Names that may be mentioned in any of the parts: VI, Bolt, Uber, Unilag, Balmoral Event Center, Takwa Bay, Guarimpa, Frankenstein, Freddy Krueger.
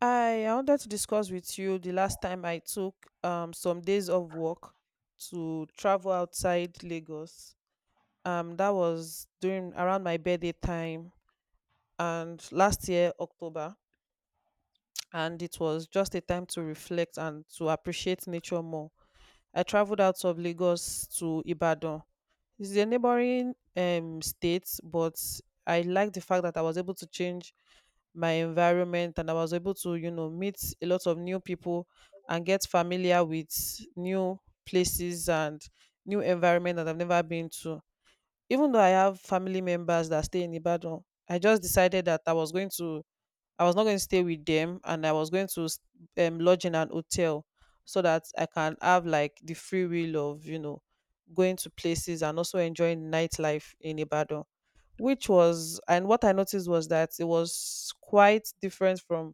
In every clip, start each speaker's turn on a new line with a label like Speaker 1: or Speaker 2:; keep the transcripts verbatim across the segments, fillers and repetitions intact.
Speaker 1: I I wanted to discuss with you the last time I took um some days of work to travel outside Lagos. Um, that was during around my birthday time and last year October, and it was just a time to reflect and to appreciate nature more. I traveled out of Lagos to Ibadan, it's a neighboring um state, but I like the fact that I was able to change my environment and I was able to, you know, meet a lot of new people and get familiar with new places and new environment that I've never been to. Even though I have family members that stay in Ibadan, I just decided that I was going to I was not going to stay with them, and I was going to s- um, lodge in an hotel so that I can have like the free will of you know going to places and also enjoying nightlife in Ibadan, which was, and what I noticed was that it was quite different from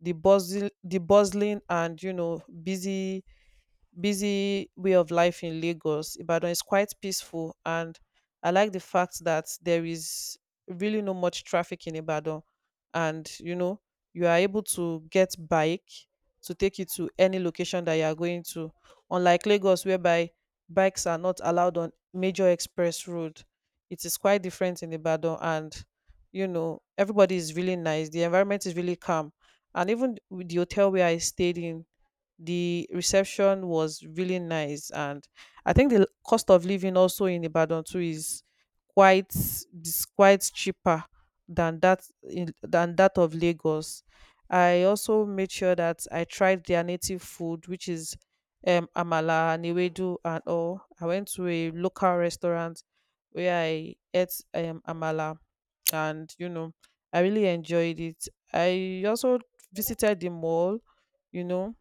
Speaker 1: the buzzing, the bustling, and you know busy busy way of life in Lagos. Ibadan is quite peaceful, and I like the fact that there is really no much traffic in Ibadan, and you know you are able to get bike to take you to any location that you are going to. Unlike Lagos, whereby bikes are not allowed on major express road, it is quite different in Ibadan, and you know everybody is really nice. The environment is really calm, and even with the hotel where I stayed in, the reception was really nice. And I think the cost of living also in ibadan too is quite is quite cheaper than that in, than that of lagos. I also made sure that I tried their native food, which is um amala and ewedu. And all, I went to a local restaurant where I ate um amala, and you know I really enjoyed it. I also visited the mall, you know,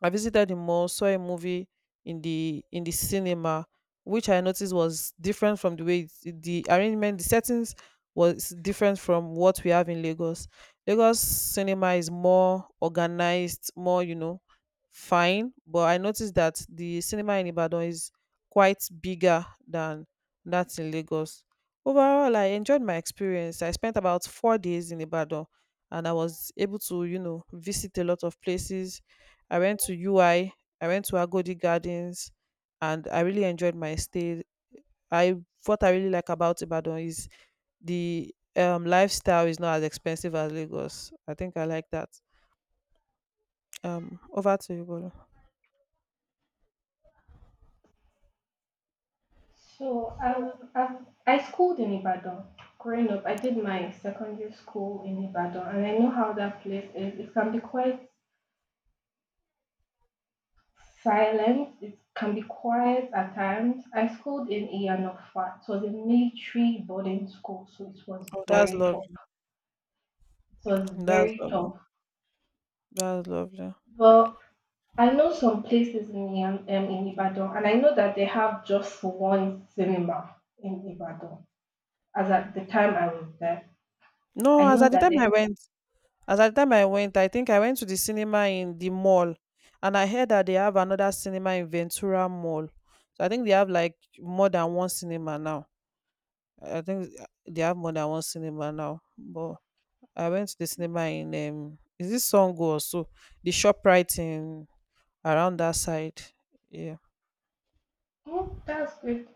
Speaker 1: I visited the mall, saw a movie in the in the cinema, which I noticed was different from the way it- the arrangement, the settings was different from what we have in Lagos. Lagos cinema is more organized, more you know, fine. But I noticed that the cinema in Ibadan is quite bigger than that in Lagos. Overall, I enjoyed my experience. I spent about four days in Ibadan, and I was able to you know visit a lot of places. I went to U I, I I went to Agodi Gardens, and I really enjoyed my stay. I What I really like about Ibadan is the um lifestyle is not as expensive as Lagos. I think I like that. Um, over to you, Bolu.
Speaker 2: So I've, I've I schooled in Ibadan. Growing up, I did my secondary school in Ibadan, and I know how that place is. It can be quite silent. It can be quiet at times. I schooled in Iyanofa. It was a military boarding school, so it was
Speaker 1: Oh, that's
Speaker 2: very tough.
Speaker 1: lovely.
Speaker 2: It was
Speaker 1: That's
Speaker 2: very
Speaker 1: lovely.
Speaker 2: tough.
Speaker 1: That's lovely.
Speaker 2: But I know some places in Iyan- um, in Ibadan, and I know that they have just one cinema in Ibadan. As at the time I was there,
Speaker 1: No,
Speaker 2: I
Speaker 1: as
Speaker 2: know
Speaker 1: at the
Speaker 2: that
Speaker 1: time I
Speaker 2: they
Speaker 1: went, as at the time I went, I think I went to the cinema in the mall, and I heard that they have another cinema in Ventura Mall. So I think they have like more than one cinema now. I think uh, they have more than one cinema now. But I went to the cinema in um is this Songo or so? The shop right in around that side. Yeah.
Speaker 2: Oh, that's good.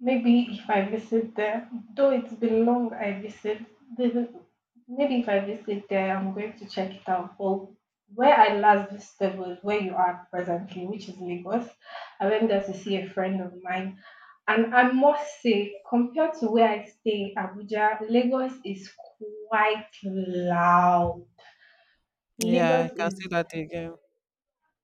Speaker 2: Maybe if I visit there, though it's been long I visit, the- maybe if I visit there, I'm going to check it out. Well, where I last visited was where you are presently, which is Lagos. I went there to see a friend of mine, and I must say, compared to where I stay, Abuja, Lagos is quite loud.
Speaker 1: Yeah, I
Speaker 2: Lagos
Speaker 1: can see
Speaker 2: is
Speaker 1: that again.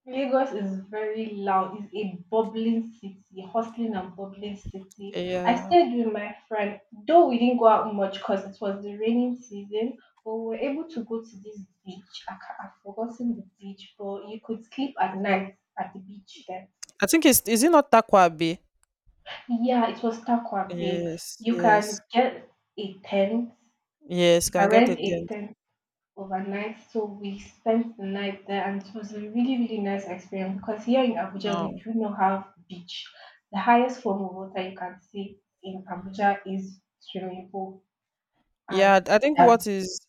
Speaker 2: Lagos is very loud. It's a bubbling city, hustling and bubbling city. I
Speaker 1: Yeah.
Speaker 2: stayed with my friend, though we didn't go out much because it was the raining season, but we were able to go to this beach. I ca- I've forgotten the beach, but you could sleep at night at the beach there.
Speaker 1: I think it's, is it not Takwa Bay?
Speaker 2: Yeah, it was Takwa Bay.
Speaker 1: Yes,
Speaker 2: You
Speaker 1: yes.
Speaker 2: can get a tent.
Speaker 1: Yes,
Speaker 2: You
Speaker 1: can
Speaker 2: can
Speaker 1: get a
Speaker 2: rent a
Speaker 1: tent.
Speaker 2: tent overnight. So we spent the night there, and it was a really, really nice experience because here in Abuja we do not have beach. The highest form of water you can see in Abuja is swimming pool,
Speaker 1: Yeah,
Speaker 2: and
Speaker 1: I think
Speaker 2: yeah,
Speaker 1: what is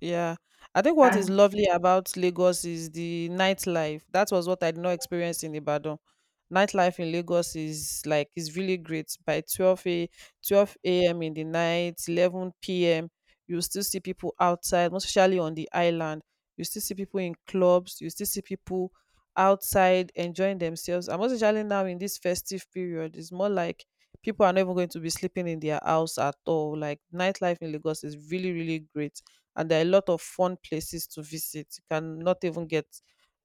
Speaker 1: yeah, I think what
Speaker 2: and
Speaker 1: is lovely about Lagos is the nightlife. That was what I did not experience in Ibadan. Nightlife in Lagos is like is really great. By twelve a twelve a m in the night, eleven p m. You still see people outside, most especially on the island. You still see people in clubs. You still see people outside enjoying themselves. And most especially now in this festive period, it's more like people are not even going to be sleeping in their house at all. Like nightlife in Lagos is really, really great. And there are a lot of fun places to visit. You cannot even get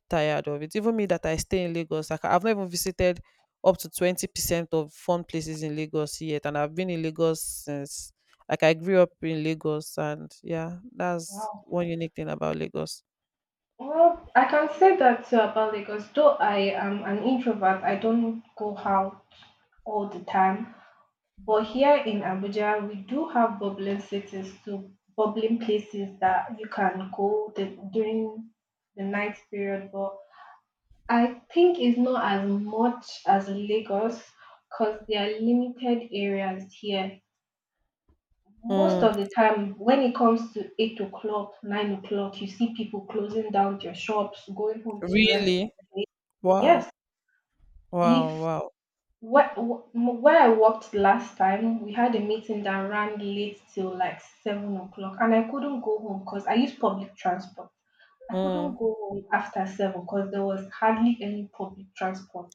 Speaker 1: tired of it. Even me that I stay in Lagos, like I've not even visited up to twenty percent of fun places in Lagos yet. And I've been in Lagos since, like I grew up in Lagos, and yeah, that's
Speaker 2: wow.
Speaker 1: one unique thing about Lagos.
Speaker 2: Well, I can say that uh, about Lagos. Though I am an introvert, I don't go out all the time. But here in Abuja, we do have bubbling cities too, bubbling places that you can go the, during the night period. But I think it's not as much as Lagos because there are limited areas here. Most
Speaker 1: Mm,
Speaker 2: of the time, when it comes to eight o'clock, nine o'clock, you see people closing down their shops, going home to rest for
Speaker 1: really?
Speaker 2: the day.
Speaker 1: Wow.
Speaker 2: Yes,
Speaker 1: Wow.
Speaker 2: if
Speaker 1: Wow.
Speaker 2: Where, wh- where I worked last time, we had a meeting that ran late till like seven o'clock, and I couldn't go home because I used public transport. I couldn't
Speaker 1: Mm,
Speaker 2: go home after seven because there was hardly any public transport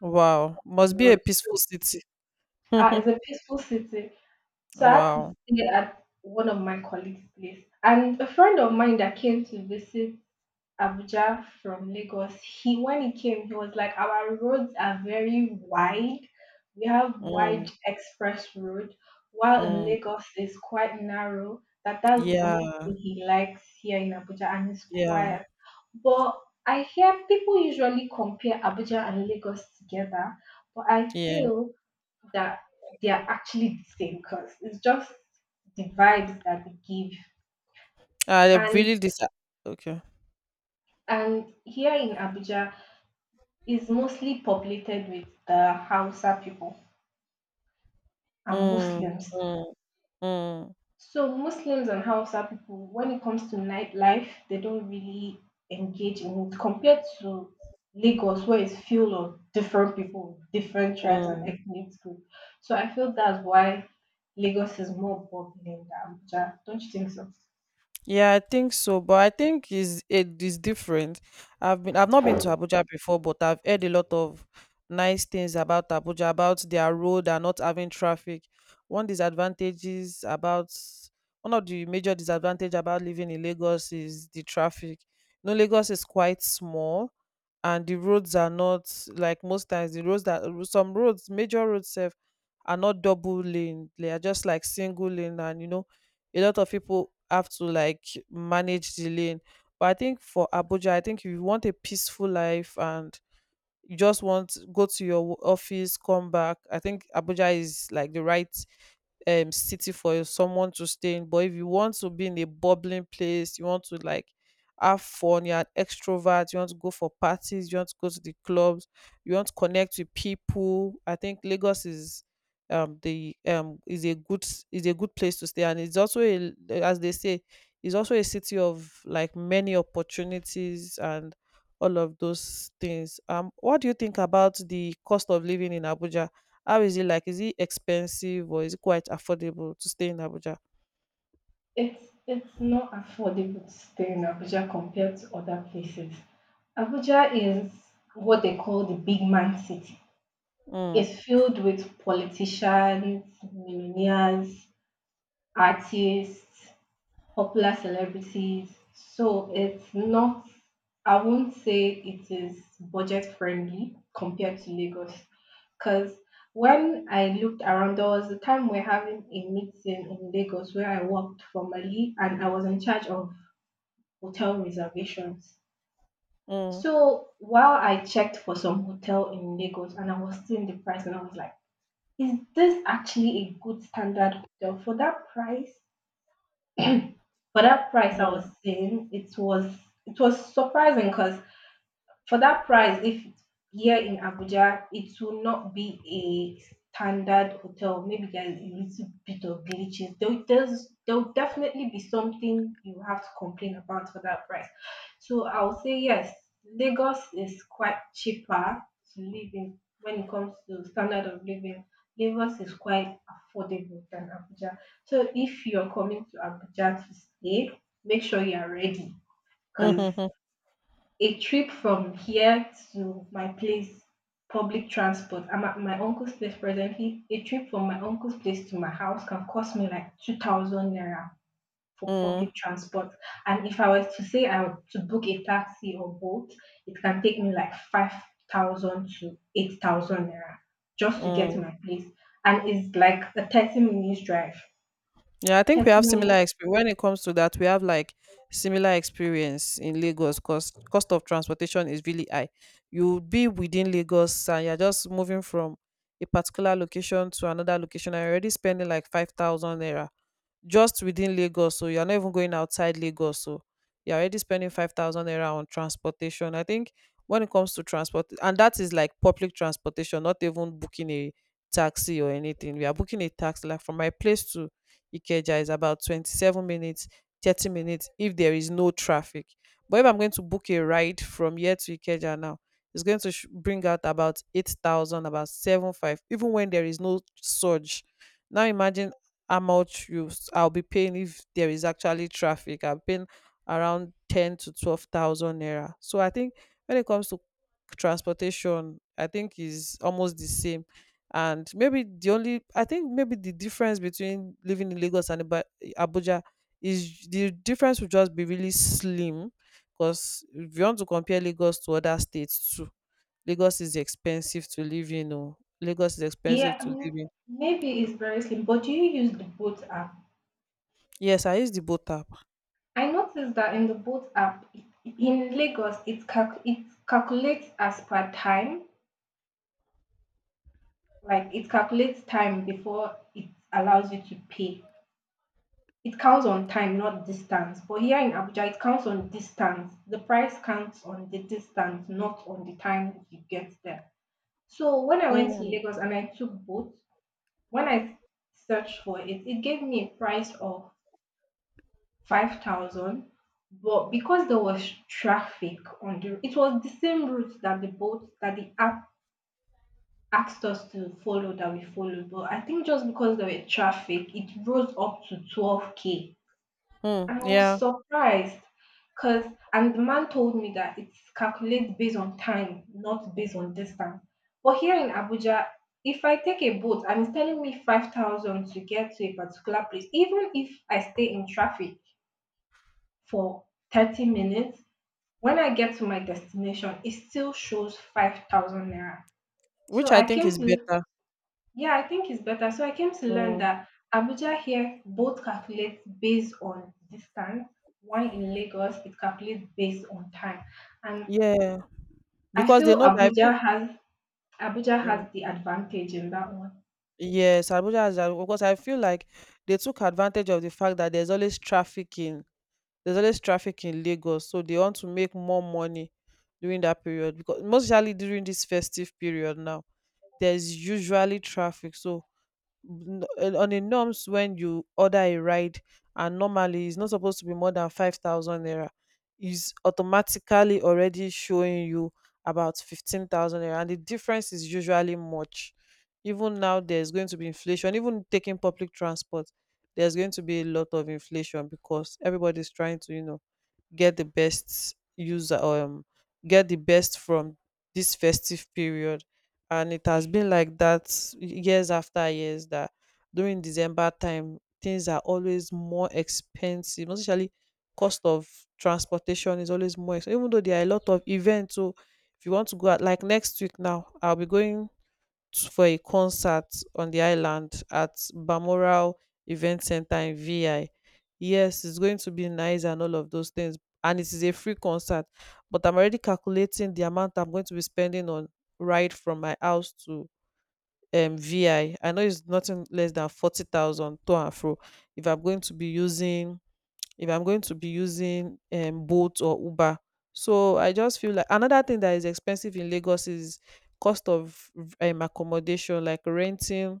Speaker 1: wow.
Speaker 2: in
Speaker 1: Must
Speaker 2: the
Speaker 1: be a
Speaker 2: road.
Speaker 1: peaceful city.
Speaker 2: Uh, it's a peaceful city, so I had to
Speaker 1: Wow.
Speaker 2: stay at one of my colleagues' place. And a friend of mine that came to visit Abuja from Lagos, he when he came, he was like, "Our roads are very wide. We have wide
Speaker 1: Mm,
Speaker 2: express road, while in
Speaker 1: mm.
Speaker 2: Lagos is quite narrow." That that's the only
Speaker 1: Yeah,
Speaker 2: thing he likes here in Abuja, and it's
Speaker 1: yeah,
Speaker 2: quiet. But I hear people usually compare Abuja and Lagos together, but I
Speaker 1: yeah.
Speaker 2: feel that they are actually the same because it's just the vibes that they give.
Speaker 1: I
Speaker 2: And
Speaker 1: really dis Okay.
Speaker 2: and here in Abuja is mostly populated with the Hausa people and
Speaker 1: Mm,
Speaker 2: Muslims.
Speaker 1: mm, mm,
Speaker 2: So Muslims and Hausa people, when it comes to nightlife, they don't really engage in it compared to Lagos, where it's full of different people, different tribes and
Speaker 1: mm.
Speaker 2: ethnic groups. So I feel that's why Lagos is more bubbling than Abuja. Don't you think so?
Speaker 1: Yeah, I think so, but I think is it is different. I've been I've not been to Abuja before, but I've heard a lot of nice things about Abuja, about their road and not having traffic. One disadvantages about One of the major disadvantage about living in Lagos is the traffic. You know, Lagos is quite small and the roads are not like most times the roads that some roads, major roads sef, are not double lane. They are just like single lane, and you know a lot of people have to like manage the lane. But I think for Abuja, I think if you want a peaceful life and you just want go to your wo- office come back, I think abuja is like the right um city for someone to stay in. But if you want to be in a bubbling place, you want to like have fun, you're an extrovert, you want to go for parties, you want to go to the clubs, you want to connect with people, I think lagos is um the um is a good s- is a good place to stay. And it's also a, as they say, it's also a city of like many opportunities and all of those things. Um, what do you think about the cost of living in Abuja? How is it like? Is it expensive or is it quite affordable to stay in Abuja?
Speaker 2: It's it's not affordable to stay in Abuja compared to other places. Abuja is what they call the big man city.
Speaker 1: Mm,
Speaker 2: Is filled with politicians, millionaires, artists, popular celebrities. So it's not, I won't say it is budget friendly compared to Lagos. Because when I looked around, there was a time we're having a meeting in Lagos where I worked formally and I was in charge of hotel reservations.
Speaker 1: mm,
Speaker 2: So while I checked for some hotel in Lagos and I was seeing the price and I was like, is this actually a good standard hotel for that price? For that price, I was
Speaker 1: mm,
Speaker 2: saying it was it was surprising because for that price, if it's here in Abuja, it will not be a standard hotel. Maybe there's a little bit of glitches. There, there's, there'll definitely be something you have to complain about for that price. So I'll say yes, Lagos is quite cheaper to live in when it comes to standard of living. Lagos is quite affordable than Abuja. So if you're coming to Abuja to stay, make sure you are ready,
Speaker 1: mm,
Speaker 2: because
Speaker 1: mm,
Speaker 2: a trip from here to my place, public transport. I'm at my uncle's place presently. A trip from my uncle's place to my house can cost me like two thousand naira for
Speaker 1: mm,
Speaker 2: public transport. And if I was to say I were to book a taxi or boat, it can take me like five thousand to eight thousand naira just to get
Speaker 1: mm.
Speaker 2: to my place. And it's like a thirty minutes drive.
Speaker 1: Yeah, I think we
Speaker 2: Thirty
Speaker 1: have similar
Speaker 2: minutes.
Speaker 1: experience when it comes to that. We have like similar experience in Lagos because cost of transportation is really high. You would be within Lagos and you're just moving from a particular location to another location and you're already spending like five thousand naira just within Lagos. So you're not even going outside Lagos. So you're already spending five thousand naira on transportation. I think when it comes to transport, and that is like public transportation, not even booking a taxi or anything. We are booking a taxi like from my place to Ikeja is about twenty-seven minutes, thirty minutes if there is no traffic. But if I'm going to book a ride from here to Ikeja now, it's going to sh- bring out about eight thousand, about seven five, even when there is no surge. Now imagine how much you s- I'll be paying if there is actually traffic. I've been around ten to twelve thousand naira. So I think when it comes to transportation, I think is almost the same. And maybe the only, I think maybe the difference between living in lagos and Iba- abuja is, the difference would just be really slim because if you want to compare lagos to other states too, lagos is expensive to live in. Oh lagos is expensive
Speaker 2: Yeah,
Speaker 1: to
Speaker 2: um,
Speaker 1: live in.
Speaker 2: maybe it's very slim. But do you use the boat app?
Speaker 1: Yes I use the boat app.
Speaker 2: I noticed that in the boat app i- in Lagos, it calc- it calculates as per time, like it calculates time before it allows you to pay. It counts on time, not distance. But here in Abuja, it counts on distance. The price counts on the distance, not on the time you get there. So when I went to
Speaker 1: Mm.
Speaker 2: Lagos and I took boat, when I searched for it, it gave me a price of five thousand. But because there was traffic on the, it was the same route that the boat, that the app asked us to follow, that we followed. But I think just because there were traffic, it rose up to twelve k,
Speaker 1: Mm.
Speaker 2: and I was
Speaker 1: Yeah.
Speaker 2: surprised. Cause and the man told me that it's calculated based on time, not based on distance. But here in Abuja, if I take a boat and it's telling me five thousand to get to a particular place, even if I stay in traffic for thirty minutes, when I get to my destination, it still shows five thousand naira. So
Speaker 1: Which I
Speaker 2: I
Speaker 1: think
Speaker 2: came
Speaker 1: is
Speaker 2: to,
Speaker 1: better.
Speaker 2: yeah, I think it's better. So I came to learn
Speaker 1: Mm.
Speaker 2: that Abuja here both calculates based on distance, while in Lagos it calculates based on time. And
Speaker 1: Yeah.
Speaker 2: I
Speaker 1: Because they
Speaker 2: feel
Speaker 1: know that I feel,
Speaker 2: Abuja has Abuja
Speaker 1: mm.
Speaker 2: has the advantage in that one.
Speaker 1: Yes abuja has that because I feel like they took advantage of the fact that there's always traffic in there's always traffic in Lagos, so they want to make more money during that period. Because most especially during this festive period now, there's usually traffic. So n- on on the norms, when you order a ride and normally it's not supposed to be more than five thousand naira, is automatically already showing you about fifteen thousand naira, and the difference is usually much. Even now, there's going to be inflation. Even taking public transport, there's going to be a lot of inflation because everybody's trying to, you know, get the best user um get the best from this festive period. And it has been like that years after years, that during december time things are always more expensive, most especially cost of transportation is always more expensive even though there are a lot of events. So if you want to go out, like next week now I'll be going t- for a concert on the island at Balmoral Event Center in V I. Yes, it's going to be nice and all of those things. And it is a free concert, but I'm already calculating the amount I'm going to be spending on ride from my house to um V I. I I know it's nothing less than forty thousand to and fro if I'm going to be using if I'm going to be using um, Bolt or Uber. So I just feel like another thing that is expensive in Lagos is cost of um, accommodation, like renting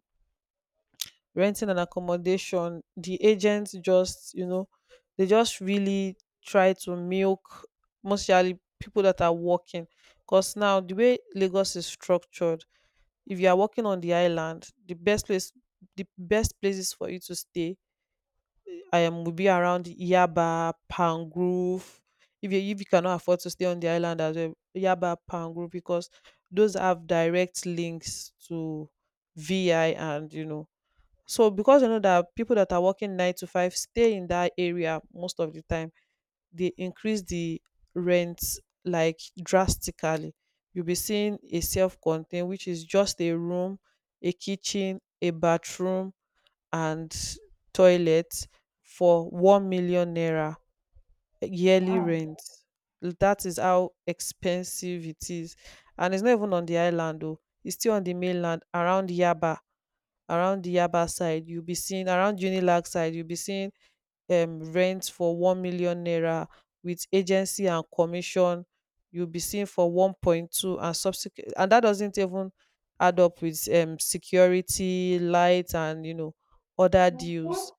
Speaker 1: renting an accommodation. The agents just you know they just really try to milk mostly people that are working, because now the way Lagos is structured, if you are working on the island, the best place the best places for you to stay I am will be around Yaba, Pangrove. If you if you cannot afford to stay on the island as well, Yaba, Pangrove, because those have direct links to V I and you know. So because you know that people that are working nine to five stay in that area most of the time, they increase the rent like drastically. You'll be seeing a self-contained, which is just a room, a kitchen, a bathroom, and toilet for one million naira yearly
Speaker 2: Wow.
Speaker 1: rent. That is how expensive it is. And it's not even on the island though. It's still on the mainland around Yaba, around the Yaba side. You'll be seeing around Unilag side, you'll be seeing um rent for one million naira with agency and commission. You'll be seeing for one point two and subsequent, and that doesn't even add up with um security, light, and you know other deals.
Speaker 2: Mhm.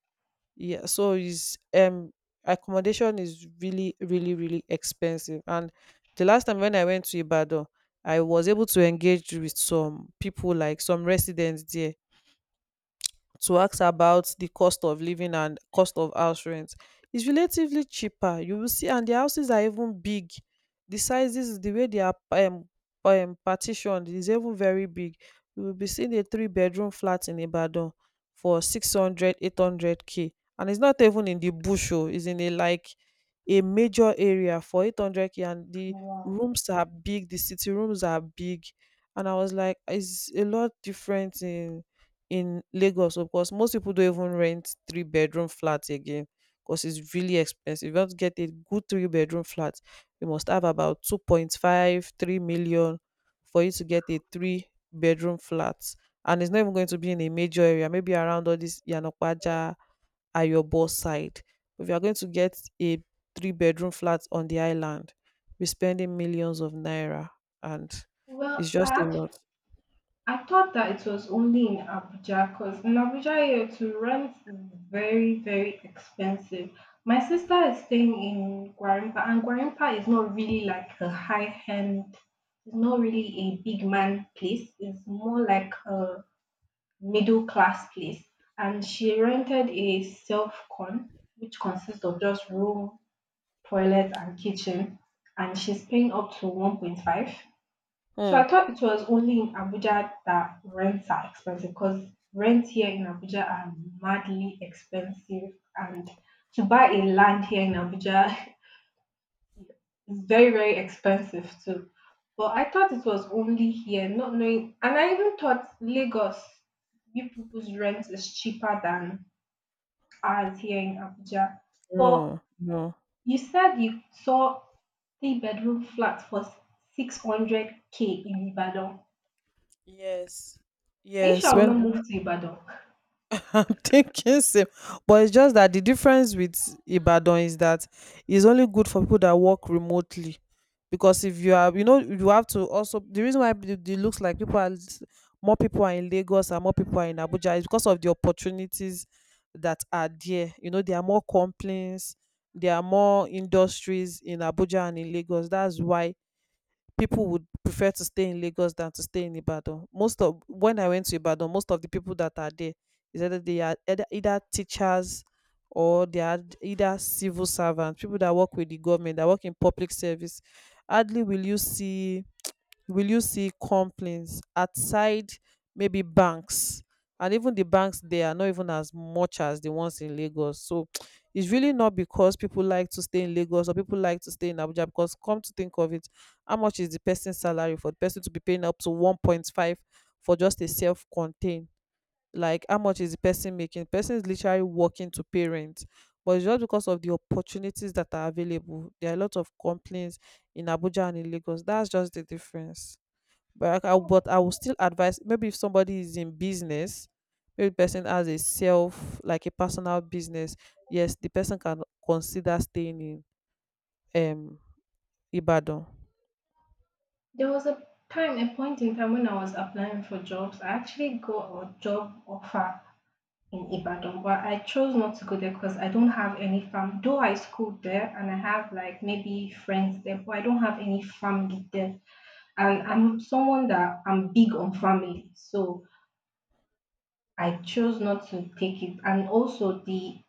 Speaker 1: Yeah, so is um accommodation is really really really expensive. And the last time when I went to Ibadan, I was able to engage with some people, like some residents there, to ask about the cost of living and cost of house rent. It's relatively cheaper, you will see, and the houses are even big. The sizes, the way they are um, um partitioned, is even very big. You will be seeing a three bedroom flat in Ibadan for six hundred, eight hundred k, and it's not even in the bush, oh, it's in a like a major area for eight hundred k, and the
Speaker 2: Wow.
Speaker 1: rooms are big, the city rooms are big. And I was like, it's a lot different in in Lagos. Of course most people don't even rent three bedroom flats again because it's really expensive. If you want to get a good three bedroom flat, you must have about two point five, three million for you to get a three bedroom flat. And it's not even going to be in a major area, maybe around all this Yanokwaja, Ayobo side. If you are going to get a three bedroom flat on the island, we're spending millions of naira, and it's
Speaker 2: Well,
Speaker 1: just a
Speaker 2: I
Speaker 1: lot.
Speaker 2: I thought that it was only in Abuja, because in Abuja here to rent is very, very expensive. My sister is staying in Guarimpa, and Guarimpa is not really like a high end, it's not really a big man place. It's more like a middle class place. And she rented a self con, which consists of just room, toilet and kitchen. And she's paying up to one point five. So
Speaker 1: Hmm.
Speaker 2: I thought it was only in Abuja that rents are expensive, because rents here in Abuja are madly expensive, and to buy a land here in Abuja is very very expensive too. But I thought it was only here, not knowing, and I even thought Lagos, you people's rent is cheaper than ours here in Abuja. But
Speaker 1: No, no.
Speaker 2: you said you saw three bedroom flats for six hundred k in Ibadan.
Speaker 1: Yes.
Speaker 2: Are you sure
Speaker 1: Yes,
Speaker 2: I will not
Speaker 1: when
Speaker 2: move to Ibadan?
Speaker 1: I'm thinking same, but it's just that the difference with Ibadan is that it's only good for people that work remotely, because if you are, you know, you have to also, the reason why it it looks like people are s- more people are in Lagos and more people are in Abuja is because of the opportunities that are there. You know, there are more complaints, there are more industries in Abuja and in Lagos. That's why people would prefer to stay in Lagos than to stay in Ibadan. Most of when I went to Ibadan, most of the people that are there is either they are either, either teachers, or they are either civil servants, people that work with the government, that work in public service. Hardly will you see will you see complaints outside, maybe banks, and even the banks there are not even as much as the ones in Lagos. So it's really not because people like to stay in Lagos or people like to stay in Abuja, because come to think of it, how much is the person's salary for the person to be paying up to one point five for just a self-contained? Like how much is the person making? The person is literally working to pay rent. But it's just because of the opportunities that are available, there are a lot of complaints in Abuja and in Lagos. That's just the difference. But I, but I would still advise, maybe if somebody is in business, maybe person has a self like a personal business. Yes, the person can consider staying in um Ibadan.
Speaker 2: There was a time, a point in time when I was applying for jobs. I actually got a job offer in Ibadan, but I chose not to go there because I don't have any fam. Though I schooled there and I have like maybe friends there, but I don't have any family there. And I'm someone that I'm big on family, so I chose not to take it. And also the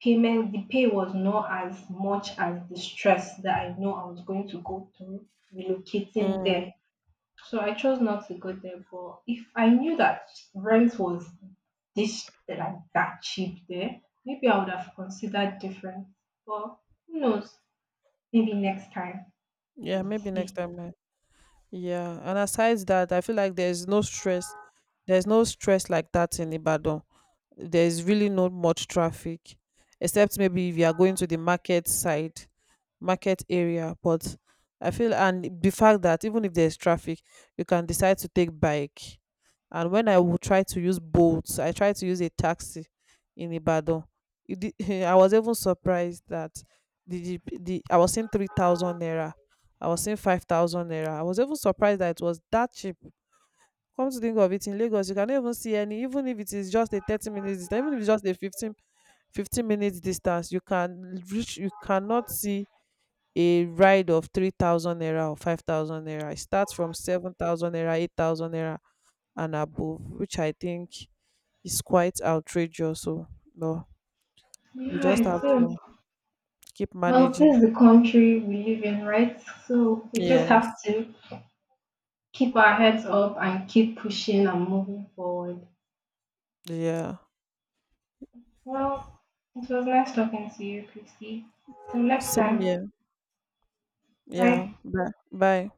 Speaker 2: payment, the pay was not as much as the stress that I know I was going to go through relocating there.
Speaker 1: Mm,
Speaker 2: So I chose not to go there. But if I knew that rent was this like that cheap there, maybe I would have considered different. But who knows? Maybe next time
Speaker 1: yeah,
Speaker 2: we'll
Speaker 1: maybe next
Speaker 2: see.
Speaker 1: time. I- Yeah, and aside that, I feel like there's no stress. There's no stress like that in Ibadan. There's really not much traffic except maybe if you are going to the market side market area. But I feel, and the fact that even if there's traffic, you can decide to take bike. And when I would try to use boats, I tried to use a taxi in Ibadan. It di- I was even surprised that the, the, the I was seeing three thousand naira, I was seeing five thousand naira. I was even surprised that it was that cheap. Come to think of it, in Lagos you cannot even see any, even if it is just a thirty minutes distance, even if it's just a fifteen fifteen minutes distance you can reach. You cannot see a ride of three thousand naira or five thousand naira. It starts from seven thousand naira, eight thousand naira and above, which I think is quite outrageous. So but we
Speaker 2: Yeah,
Speaker 1: just
Speaker 2: it
Speaker 1: have to
Speaker 2: is.
Speaker 1: keep
Speaker 2: Well,
Speaker 1: managing.
Speaker 2: this is the country we live in, right? So we just have
Speaker 1: Yes.
Speaker 2: to keep our heads up and keep pushing and moving forward.
Speaker 1: Yeah,
Speaker 2: Well, it was nice talking to you, Christy. Till next
Speaker 1: same
Speaker 2: time.
Speaker 1: here. Yeah,
Speaker 2: Bye.
Speaker 1: bye bye.